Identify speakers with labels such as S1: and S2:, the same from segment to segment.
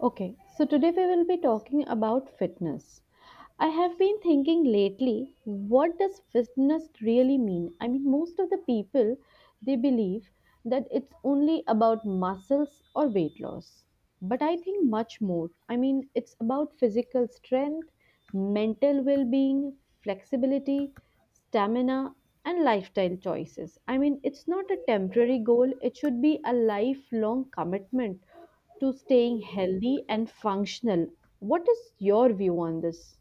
S1: Okay, so today we will be talking about fitness. I have been thinking lately, what does fitness really mean? I mean, most of the people they believe that it's only about muscles or weight loss, but I think much more. I mean, it's about physical strength, mental well being, flexibility, stamina, and lifestyle choices. I mean, it's not a temporary goal, it should be a lifelong commitment to staying healthy and functional. What is your view on this?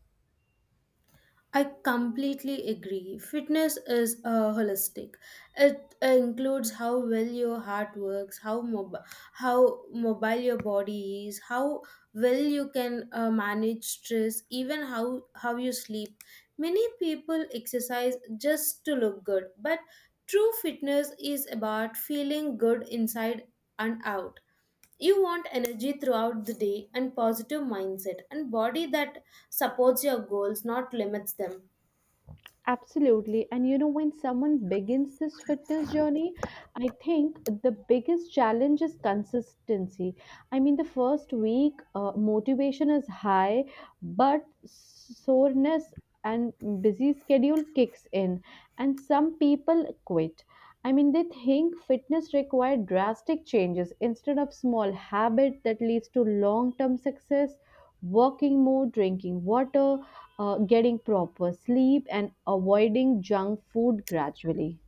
S2: I completely agree. Fitness is holistic. It includes how well your heart works, how mobile your body is, how well you can manage stress, even how you sleep. Many people exercise just to look good, but true fitness is about feeling good inside and out. You want energy throughout the day and positive mindset and body that supports your goals, not limits them.
S1: Absolutely. And when someone begins this fitness journey, I think the biggest challenge is consistency. I mean, the first week, motivation is high, but soreness and busy schedule kicks in, and some people quit. I mean, they think fitness requires drastic changes instead of small habit that leads to long term success, walking more, drinking water, getting proper sleep, and avoiding junk food gradually.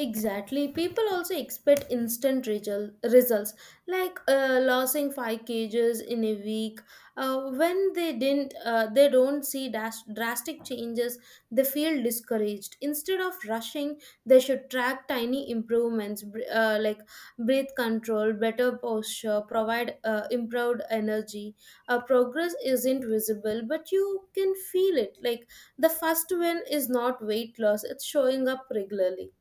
S2: Exactly. People also expect results, like losing five kgs in a week. When they didn't, They don't see drastic changes. They feel discouraged. Instead of rushing, they should track tiny improvements, like breath control, better posture, provide improved energy. Progress isn't visible, but you can feel it. Like the first win is not weight loss; it's showing up regularly.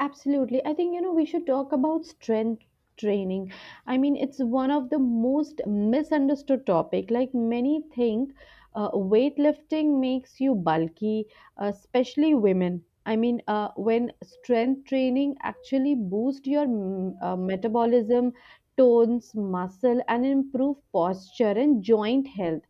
S1: Absolutely. I think, we should talk about strength training. I mean, it's one of the most misunderstood topic. Like many think weightlifting makes you bulky, especially women. I mean, when strength training actually boosts your metabolism, tones, muscle, and improve posture and joint health.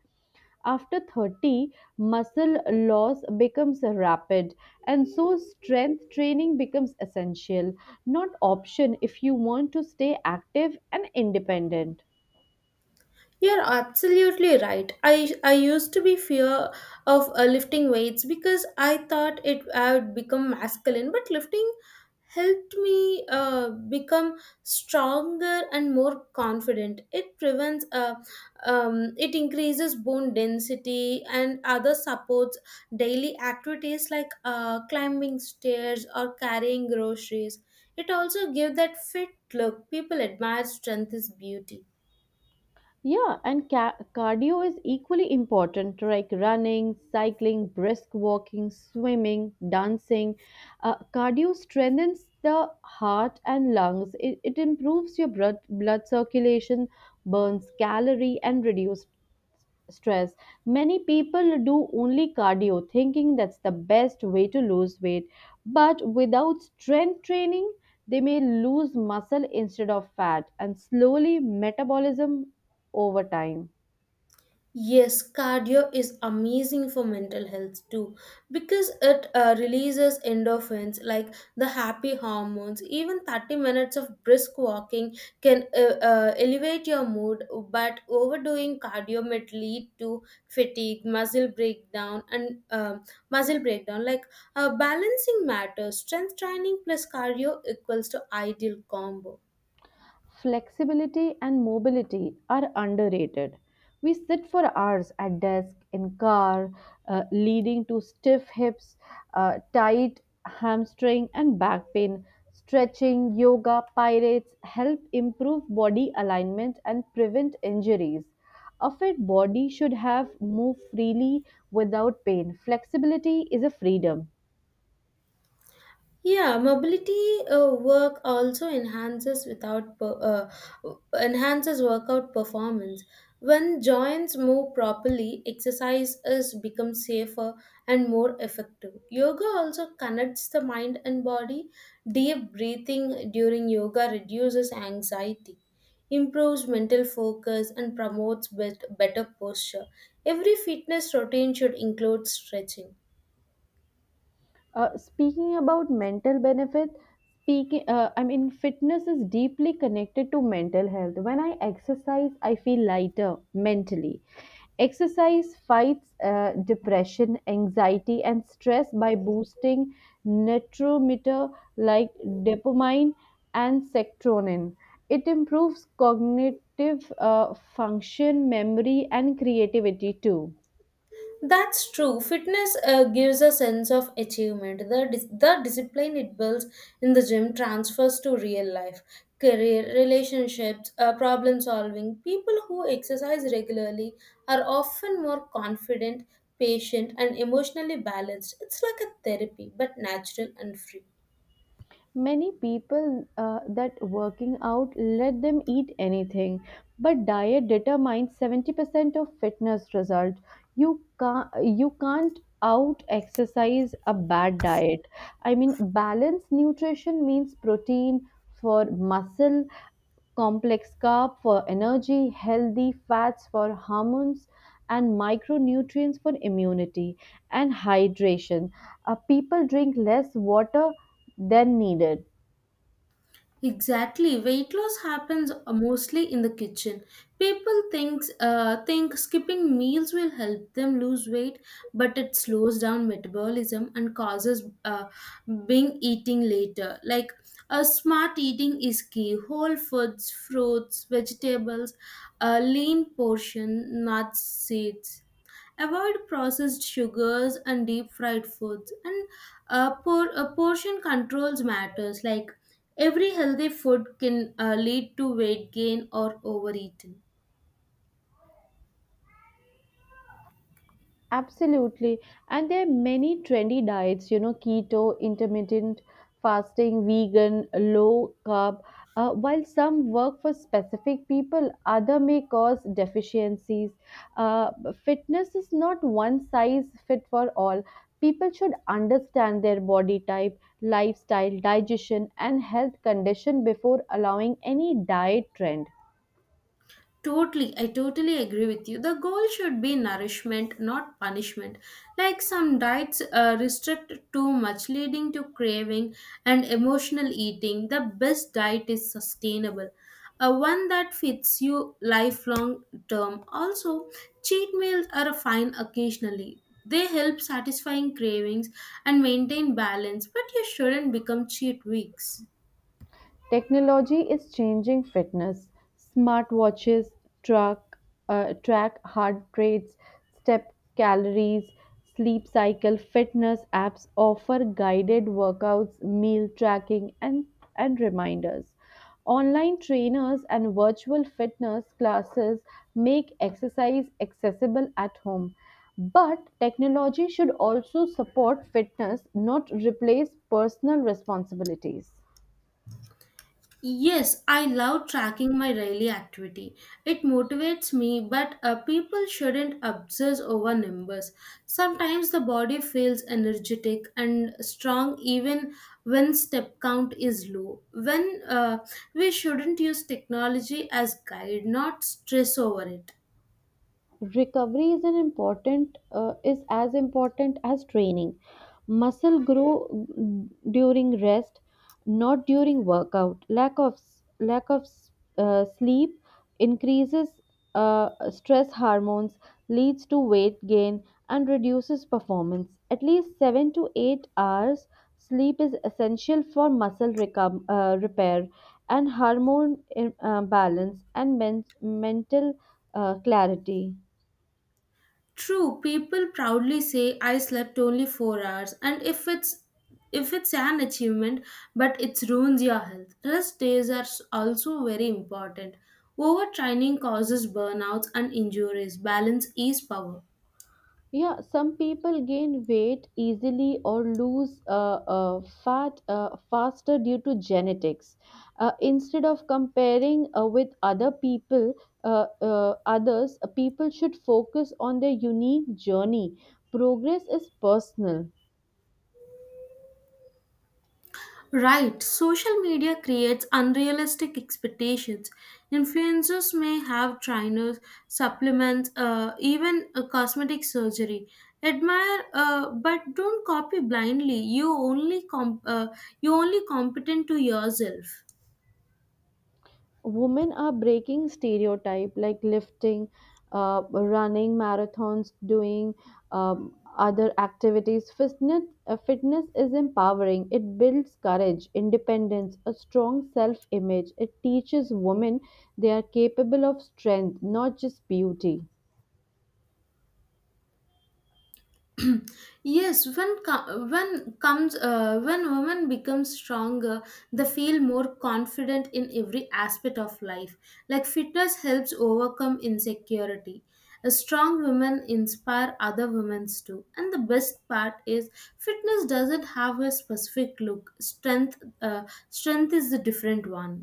S1: After 30, muscle loss becomes rapid, and so strength training becomes essential, not option if you want to stay active and independent.
S2: You're absolutely right. I used to be fear of lifting weights because I thought it I would become masculine, but lifting helped me become stronger and more confident. It increases bone density and other supports daily activities like climbing stairs or carrying groceries. It also gives that fit look. People admire strength is beauty.
S1: Yeah, and cardio is equally important, like running, cycling, brisk walking, swimming, dancing. Cardio strengthens the heart and lungs. It improves your blood circulation, burns calorie, and reduces stress. Many people do only cardio, thinking that's the best way to lose weight. But without strength training, they may lose muscle instead of fat and slowly metabolism over time.
S2: Yes, cardio is amazing for mental health too because it releases endorphins like the happy hormones. Even 30 minutes of brisk walking can elevate your mood, but overdoing cardio might lead to fatigue, muscle breakdown. Like balancing matters, strength training plus cardio equals to ideal combo.
S1: Flexibility and mobility are underrated. We sit for hours at desk, in car, leading to stiff hips, tight hamstring, and back pain. Stretching, yoga, pirates help improve body alignment and prevent injuries. A fit body should have move freely without pain. Flexibility is a freedom.
S2: Yeah, mobility work also enhances without per, uh, enhances workout performance. When joints move properly, exercise is become safer and more effective. Yoga also connects the mind and body. Deep breathing during yoga reduces anxiety, improves mental focus, and promotes better posture. Every fitness routine should include stretching.
S1: Speaking about mental benefits, I mean, fitness is deeply connected to mental health. When I exercise, I feel lighter mentally. Exercise fights depression, anxiety, and stress by boosting neurotransmitter like dopamine and serotonin. It improves cognitive function, memory, and creativity too.
S2: That's true. Fitness gives a sense of achievement. The discipline it builds in the gym transfers to real life, career, relationships, problem solving. People who exercise regularly are often more confident, patient, and emotionally balanced. It's like a therapy, but natural and free.
S1: Many people that working out let them eat anything, but diet determines 70% of fitness result. You can't out exercise a bad diet. I mean, balanced nutrition means protein for muscle, complex carb for energy, healthy fats for hormones, and micronutrients for immunity and hydration. People drink less water than needed.
S2: Exactly. Weight loss happens mostly in the kitchen. People think skipping meals will help them lose weight, but it slows down metabolism and causes being eating later. Like a smart eating is key. Whole foods, fruits, vegetables, a lean portion, nuts, seeds. Avoid processed sugars and deep fried foods. And portion controls matters. Like every healthy food can lead to weight gain or overeating.
S1: Absolutely. And there are many trendy diets, keto, intermittent fasting, vegan, low carb. While some work for specific people, other may cause deficiencies. Uh, fitness is not one size fit for all. People should understand their body type, lifestyle, digestion, and health condition before allowing any diet trend.
S2: Totally, I totally agree with you. The goal should be nourishment, not punishment. Like some diets restrict too much, leading to craving and emotional eating. The best diet is sustainable, one that fits you lifelong term. Also, cheat meals are fine occasionally. They help satisfying cravings and maintain balance, but you shouldn't become cheat weeks.
S1: Technology is changing fitness. Smartwatches track, track heart rates, step calories, sleep cycle. Fitness apps offer guided workouts, meal tracking, and reminders. Online trainers and virtual fitness classes make exercise accessible at home. But technology should also support fitness, not replace personal responsibilities.
S2: Yes, I love tracking my daily activity. It motivates me, but people shouldn't obsess over numbers. Sometimes the body feels energetic and strong even when step count is low. When We shouldn't use technology as guide, not stress over it.
S1: Recovery is an important is as important as training. Muscle grow during rest, not during workout. Lack of sleep increases stress hormones, leads to weight gain, and reduces performance. At least 7 to 8 hours sleep is essential for muscle repair, and hormone balance, and mental clarity.
S2: True, people proudly say I slept only 4 hours, and if it's an achievement, but it ruins your health. Rest days are also very important. Overtraining causes burnouts and injuries. Balance is power.
S1: Yeah, some people gain weight easily or lose fat faster due to genetics. Instead of comparing with other people, others, people should focus on their unique journey. Progress is personal.
S2: Right, social media creates unrealistic expectations. Influencers may have trainers, supplements, even a cosmetic surgery. Admire, but don't copy blindly. You only competent to yourself.
S1: Women are breaking stereotype, like lifting, running marathons, doing other activities. Fitness is empowering. It builds courage, independence, a strong self image. It teaches women they are capable of strength, not just beauty.
S2: Yes, when co- when comes when women become stronger, they feel more confident in every aspect of life. Like fitness helps overcome insecurity. A strong women inspire other women's too, and the best part is fitness doesn't have a specific look. Strength uh, strength is the different one.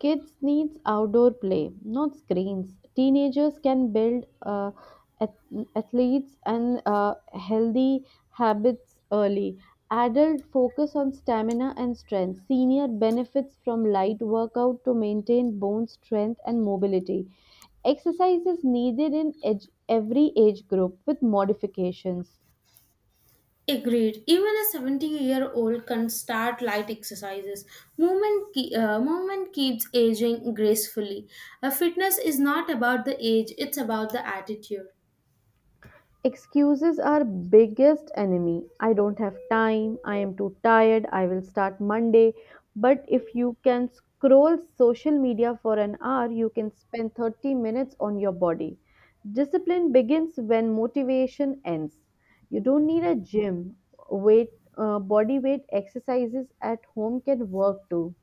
S1: Kids needs outdoor play, not screens. Teenagers can build ath- athletes and healthy habits early. Adult focus on stamina and strength. Senior benefits from light workout to maintain bone strength and mobility. Exercise is needed in every age group with modifications.
S2: Agreed. Even a 70-year-old can start light exercises. Movement keeps aging gracefully. Fitness is not about the age, it's about the attitude.
S1: Excuses are biggest enemy. I don't have time, I am too tired, I will start Monday. But if you can scroll social media for an hour, you can spend 30 minutes on your body. Discipline begins when motivation ends. You don't need a gym. Weight body weight exercises at home can work too.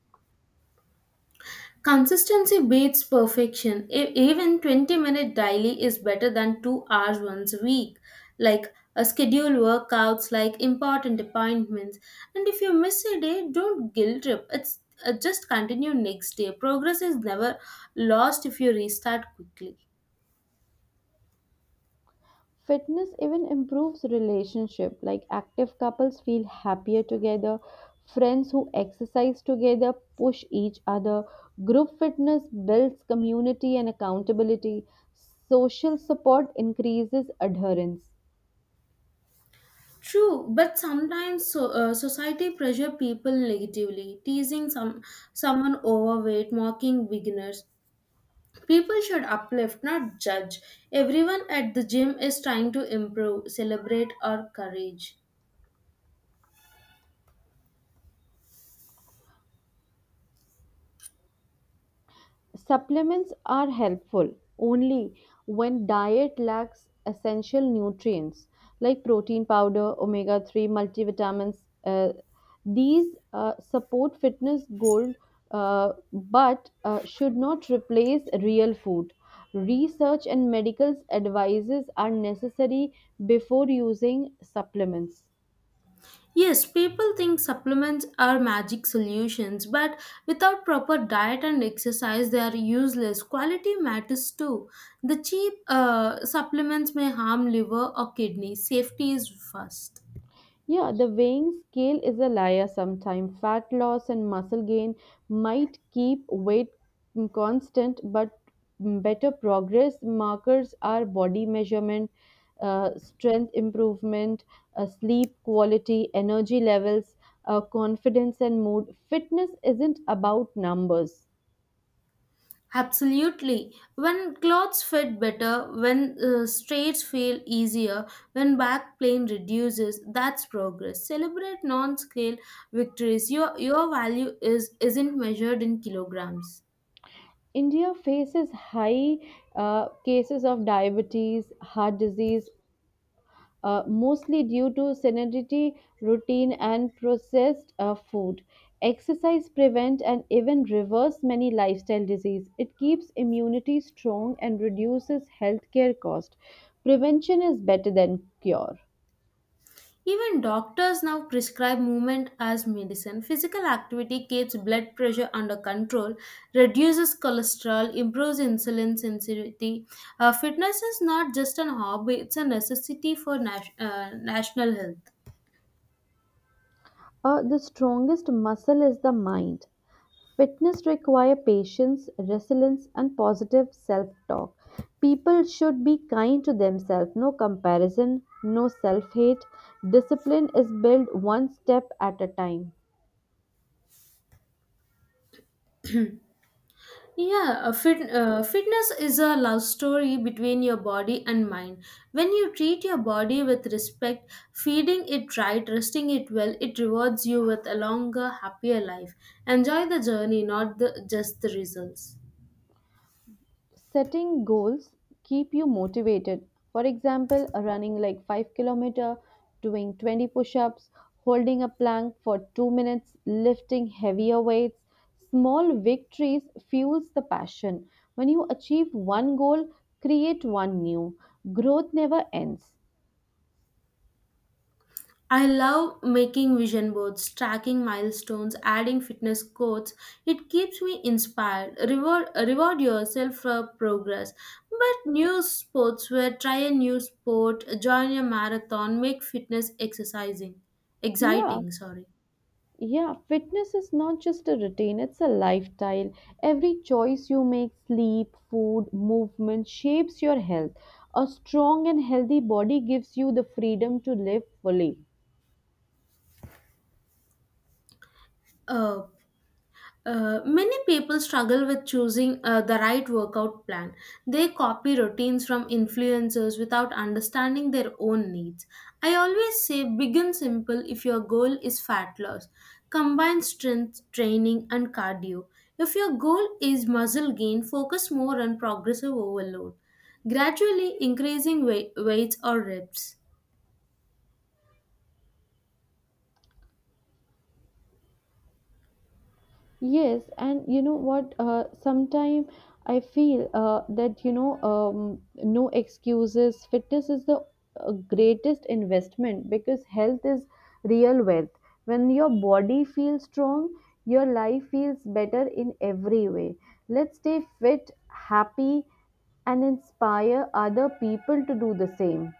S2: Consistency beats perfection. Even 20 minute daily is better than 2 hours once a week. Like schedule workouts, like important appointments. And if you miss a day, don't guilt trip. It's Just continue next day. Progress is never lost if you restart quickly.
S1: Fitness even improves relationship, like active couples feel happier together, friends who exercise together push each other, group fitness builds community and accountability, social support increases adherence.
S2: True, but sometimes society pressure people negatively, teasing someone overweight, mocking beginners. People should uplift, not judge. Everyone at the gym is trying to improve, celebrate our courage.
S1: Supplements are helpful only when diet lacks essential nutrients like protein powder, omega 3 multivitamins. Uh, these support fitness goal, but should not replace real food. Research and medical advices are necessary before using supplements.
S2: Yes, people think supplements are magic solutions, but without proper diet and exercise, they are useless. Quality matters too. The cheap supplements may harm liver or kidney. Safety is first.
S1: Yeah, the weighing scale is a liar sometimes. Fat loss and muscle gain might keep weight constant, but better progress markers are body measurement, strength improvement, sleep quality, energy levels, confidence, and mood. Fitness isn't about numbers.
S2: Absolutely. When clothes fit better, when straits feel easier, when back pain reduces, that's progress. Celebrate non-scale victories. Your value is isn't measured in kilograms.
S1: India faces high cases of diabetes, heart disease, mostly due to sedentary routine and processed food. Exercise prevent and even reverse many lifestyle disease. It keeps immunity strong and reduces healthcare cost. Prevention is better than cure.
S2: Even doctors now prescribe movement as medicine. Physical activity keeps blood pressure under control, reduces cholesterol, improves insulin sensitivity. Fitness is not just an hobby; it's a necessity for national health.
S1: The strongest muscle is the mind. Fitness requires patience, resilience, and positive self talk. People should be kind to themselves, no comparison, no self hate. Discipline is built one step at a time.
S2: Yeah, fitness is a love story between your body and mind. When you treat your body with respect, feeding it right, resting it well, it rewards you with a longer, happier life. Enjoy the journey, not the, just the results.
S1: Setting goals keep you motivated, for example running like 5-kilometer, doing 20 push-ups, holding a plank for 2 minutes, lifting heavier weights. Small victories fuels the passion. When you achieve one goal, create one new. Growth never ends.
S2: I love making vision boards, tracking milestones, adding fitness quotes. It keeps me inspired. Reward yourself for progress. But new sports where try a new sport, join a marathon, make fitness exercising,
S1: Yeah.
S2: exciting. Sorry.
S1: Yeah, fitness is not just a routine, it's a lifestyle. Every choice you make, sleep, food, movement, shapes your health. A strong and healthy body gives you the freedom to live fully.
S2: Uh, Many people struggle with choosing the right workout plan. They copy routines from influencers without understanding their own needs. I always say begin simple if your goal is fat loss. Combine strength training and cardio. If your goal is muscle gain, focus more on progressive overload, gradually increasing weights or reps.
S1: Yes, and you know what? Sometime I feel that no excuses. Fitness is the greatest investment because health is real wealth. When your body feels strong, your life feels better in every way. Let's stay fit, happy, and inspire other people to do the same.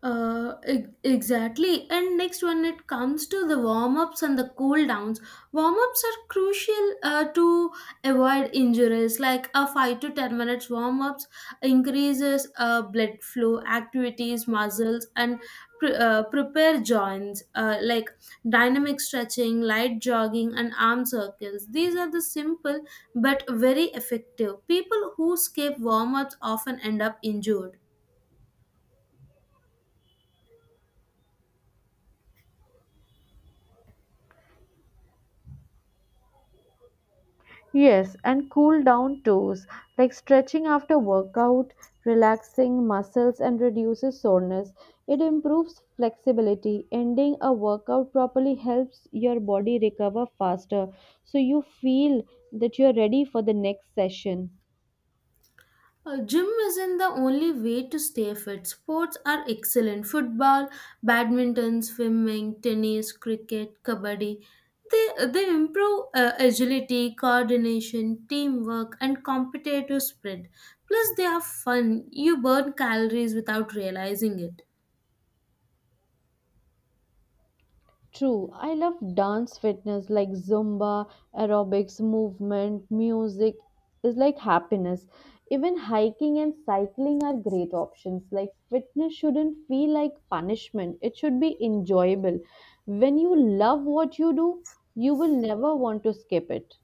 S2: Exactly. And next, when it comes to the warm ups and the cool downs, warm ups are crucial to avoid injuries. Like a 5 to 10 minutes warm ups increases blood flow, activities, muscles, and prepare joints. Like dynamic stretching, light jogging, and arm circles. These are the simple but very effective. People who skip warm ups often end up injured.
S1: Yes, and cool down toes, like stretching after workout, relaxing muscles and reduces soreness. It improves flexibility. Ending a workout properly helps your body recover faster, so you feel that you're ready for the next session.
S2: Gym isn't the only way to stay fit. Sports are excellent. Football, badminton, swimming, tennis, cricket, kabaddi. They improve agility, coordination, teamwork, and competitive spirit. Plus, they are fun. You burn calories without realizing it.
S1: True, I love dance fitness like Zumba, aerobics, movement, music is like happiness. Even hiking and cycling are great options. Like fitness shouldn't feel like punishment, it should be enjoyable. When you love what you do, you will never want to skip it.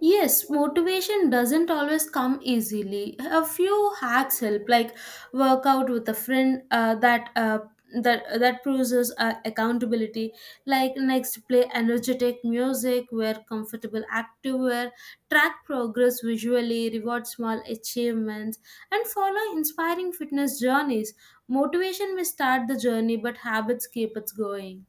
S2: Yes, motivation doesn't always come easily. A few hacks help, like work out with a friend that proves us, accountability. Like next, play energetic music, wear comfortable activewear, track progress visually, reward small achievements, and follow inspiring fitness journeys. Motivation may start the journey, but habits keep it going.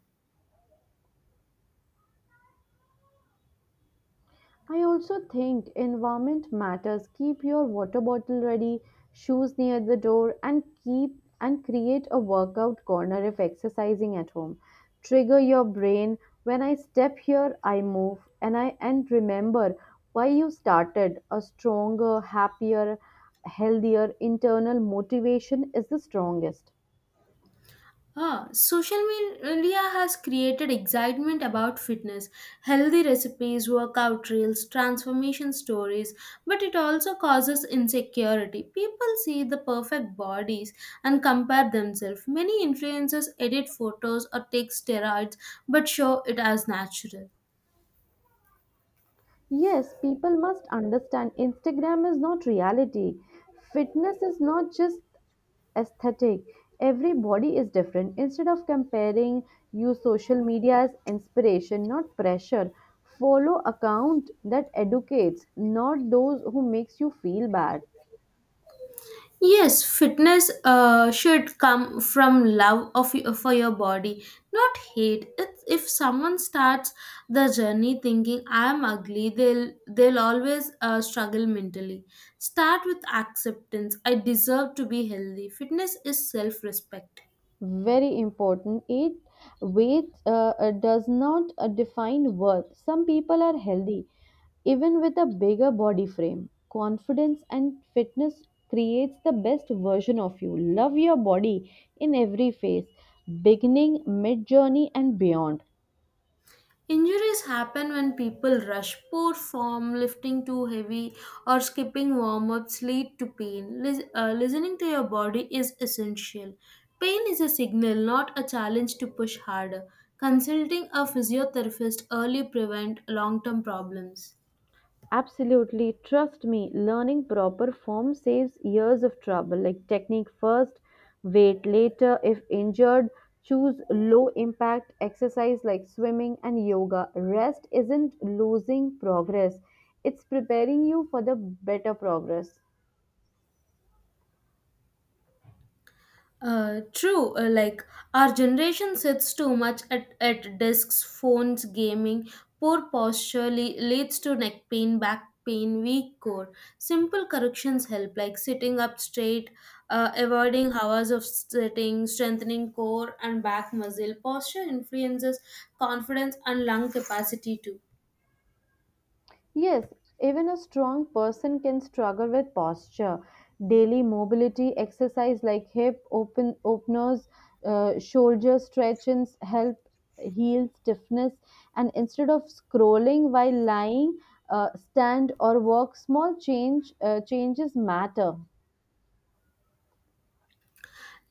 S1: I also think environment matters. Keep your water bottle ready, shoes near the door, and keep and create a workout corner if exercising at home. Trigger your brain. When I step here, I move, and I and remember why you started. A stronger, happier, healthier internal motivation is the strongest.
S2: Ah, social media has created excitement about fitness, healthy recipes, workout reels, transformation stories, but it also causes insecurity. People see the perfect bodies and compare themselves. Many influencers edit photos or take steroids but show it as natural.
S1: Yes, people must understand Instagram is not reality. Fitness is not just aesthetic. Every body is different. Instead of comparing, use social media as inspiration, not pressure. Follow account that educates, not those who makes you feel bad.
S2: Yes, fitness should come from love for your body, not hate. It's, if someone starts the journey thinking I'm ugly, they'll always struggle mentally. Start with acceptance. I deserve to be healthy. Fitness is self-respect.
S1: Very important. It weight does not define worth. Some people are healthy even with a bigger body frame. Confidence and fitness creates the best version of you. Love your body in every phase, beginning, mid journey, and beyond.
S2: Injuries happen when people rush, poor form, lifting too heavy, or skipping warm ups lead to pain. Listening to your body is essential. Pain is a signal, not a challenge to push harder. Consulting a physiotherapist early prevent long term problems.
S1: Absolutely, trust me, learning proper form saves years of trouble, like technique first, weight later. If injured, choose low impact exercise like swimming and yoga. Rest isn't losing progress, it's preparing you for the better progress.
S2: True. Like our generation sits too much at desks, phones, gaming. Poor posture leads to neck pain, back pain, weak core. Simple corrections help, like sitting up straight, avoiding hours of sitting, strengthening core and back muscle. Posture influences confidence and lung capacity too.
S1: Yes, even a strong person can struggle with posture. Daily mobility exercise like hip openers, shoulder stretchings help heal stiffness. And instead of scrolling while lying, stand or walk. Small changes matter.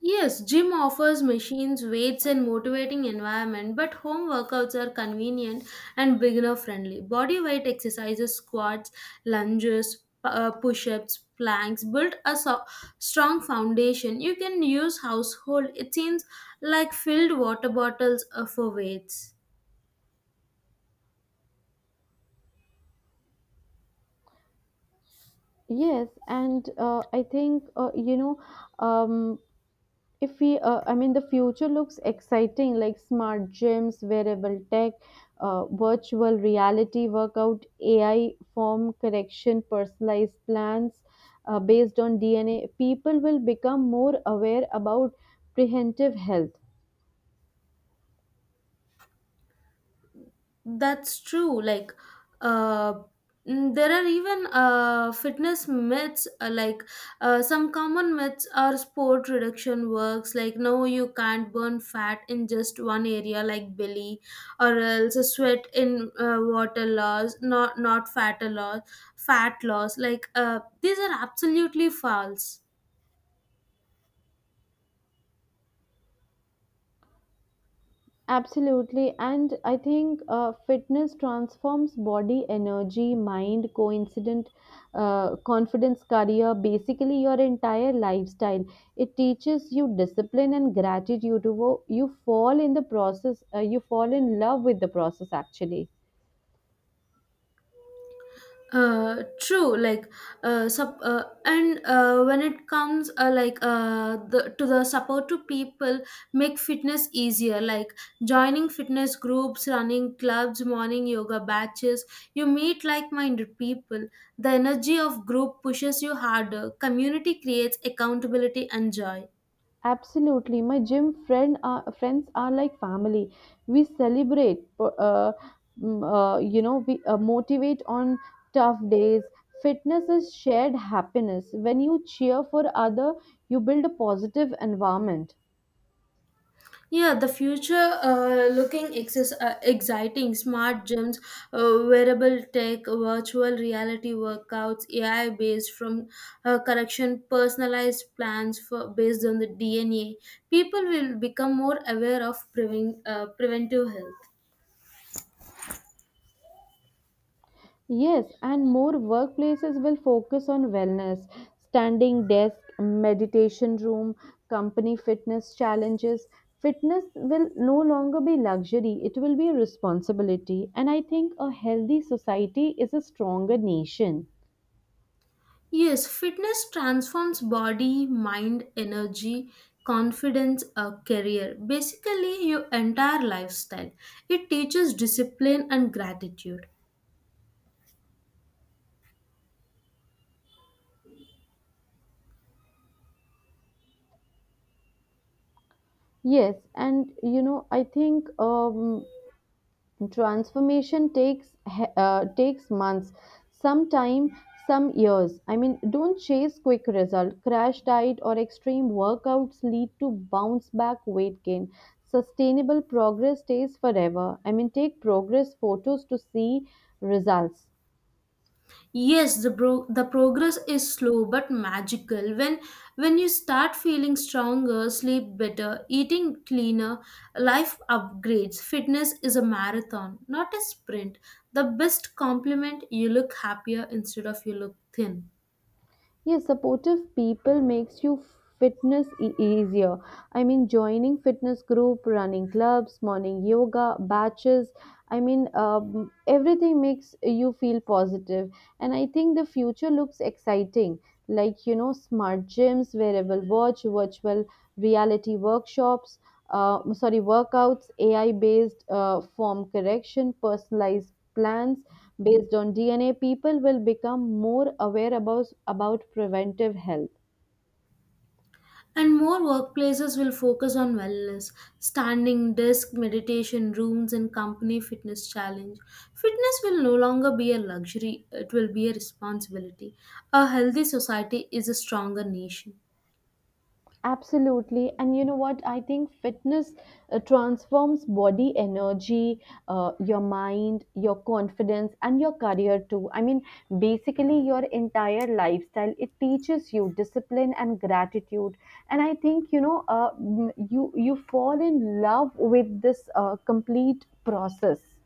S2: Yes, gym offers machines, weights, and motivating environment, but home workouts are convenient and beginner friendly. Body weight exercises, squats, lunges, push ups, planks build a strong foundation. You can use household, it seems like filled water bottles for weights.
S1: Yes, and I think, you know um, if we I mean the future looks exciting, like smart gyms, wearable tech, virtual reality workout, AI form correction, personalized plans, based on DNA. People will become more aware about preventive health.
S2: That's true. Uh, there are even fitness myths, some common myths are sport reduction works, like no, you can't burn fat in just one area, like belly, or else sweat in water loss, not fat loss, fat loss. These are absolutely false.
S1: Absolutely. And I think fitness transforms body, energy, mind, coincident, confidence, career, basically your entire lifestyle. It teaches you discipline and gratitude. You fall in love with the process actually.
S2: True like sub and When it comes to the support to people make fitness easier, like joining fitness groups, running clubs, morning yoga batches, you meet like-minded people. The energy of group pushes you harder. Community creates accountability and joy.
S1: Absolutely, my gym friends are like family. We celebrate, we motivate on tough days. Fitness is shared happiness. When you cheer for other, you build a positive environment.
S2: Yeah, the future looking exciting. Smart gyms, wearable tech, virtual reality workouts, AI based from correction, personalized plans based on the DNA. People will become more aware of preventive health.
S1: Yes, and more workplaces will focus on wellness, standing desk, meditation room, company fitness challenges. Fitness will no longer be luxury, it will be a responsibility. And I think a healthy society is a stronger nation.
S2: Yes, fitness transforms body, mind, energy, confidence, a career. Basically, your entire lifestyle. It teaches discipline and gratitude.
S1: Yes, and I think transformation takes months, some time, some years. I mean, don't chase quick result. Crash diet or extreme workouts lead to bounce back weight gain. Sustainable progress stays forever. I mean, take progress photos to see results.
S2: Yes, the progress is slow but magical. When you start feeling stronger, sleep better, eating cleaner, life upgrades. Fitness is a marathon, not a sprint. The best compliment you look happier instead of you look thin.
S1: Yes, supportive people makes you fitness easier. I mean, joining fitness group, running clubs, morning yoga batches. I mean, everything makes you feel positive, and I think the future looks exciting. Like smart gyms, wearable watch, virtual reality workshops. Sorry, workouts, AI-based form correction, personalized plans based on DNA, people will become more aware about preventive health.
S2: And more workplaces will focus on wellness, standing desk, meditation rooms, and company fitness challenge. Fitness will no longer be a luxury, it will be a responsibility. A healthy society is a stronger nation.
S1: Absolutely. And you know what? I think fitness transforms body energy, your mind, your confidence, and your career too. I mean, basically, your entire lifestyle. It teaches you discipline and gratitude. And I think, you fall in love with this complete process.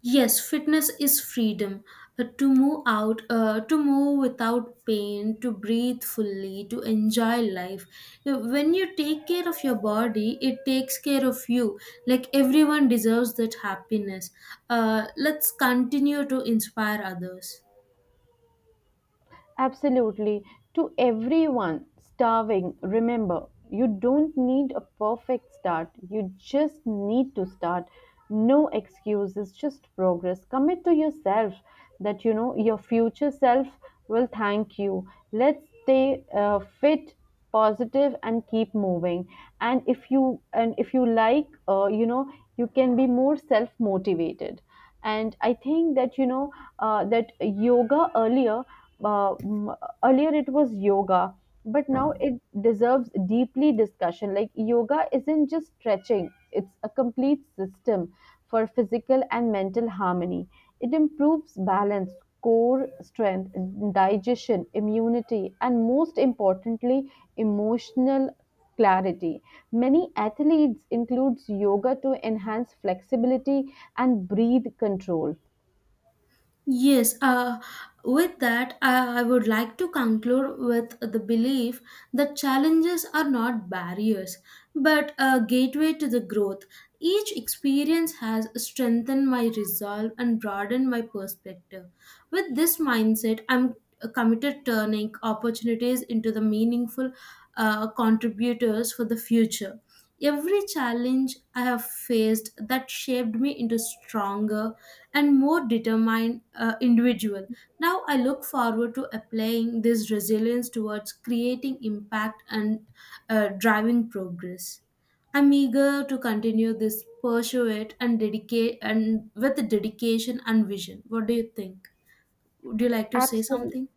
S2: Yes, fitness is freedom to move without pain, to breathe fully, to enjoy life. When you take care of your body, it takes care of you. Like everyone deserves that happiness. Let's continue to inspire others.
S1: Absolutely. To everyone starving, remember, you don't need a perfect start. You just need to start. No excuses, just progress. Commit to yourself that you know your future self will thank you. Let's stay fit, positive, and keep moving. And if you like, you can be more self motivated, and I think that you know that yoga uh, m- earlier it was yoga, but now it deserves deeply discussion. Like yoga isn't just stretching, it's a complete system for physical and mental harmony. It improves balance, core strength, digestion, immunity, and most importantly emotional clarity. Many athletes includes yoga to enhance flexibility and breathe control.
S2: Yes, with that, I would like to conclude with the belief that challenges are not barriers, but a gateway to the growth. Each experience has strengthened my resolve and broadened my perspective. With this mindset, I'm committed turning opportunities into the meaningful contributors for the future. Every challenge I have faced that shaped me into stronger and more determined individual. Now I look forward to applying this resilience towards creating impact and driving progress. I'm eager to continue this pursuit and dedicate and with dedication and vision. What do you think? Would you like to say
S1: Absolutely.
S2: something?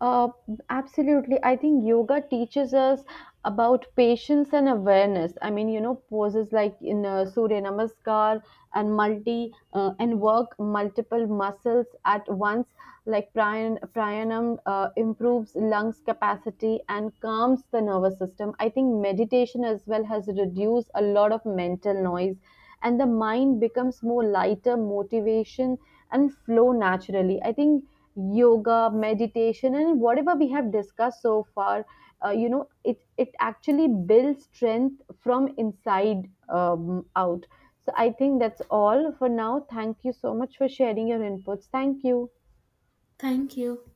S1: Uh, absolutely. I think yoga teaches us about patience and awareness. I mean, poses like in Surya Namaskar and multi and work multiple muscles at once, like pranayam improves lungs capacity and calms the nervous system. I think meditation as well has reduced a lot of mental noise, and the mind becomes more lighter, motivation and flow naturally. I think yoga meditation and whatever we have discussed so far it actually builds strength from inside out. So I think that's all for now. Thank you so much for sharing your inputs. Thank you.
S2: Thank you.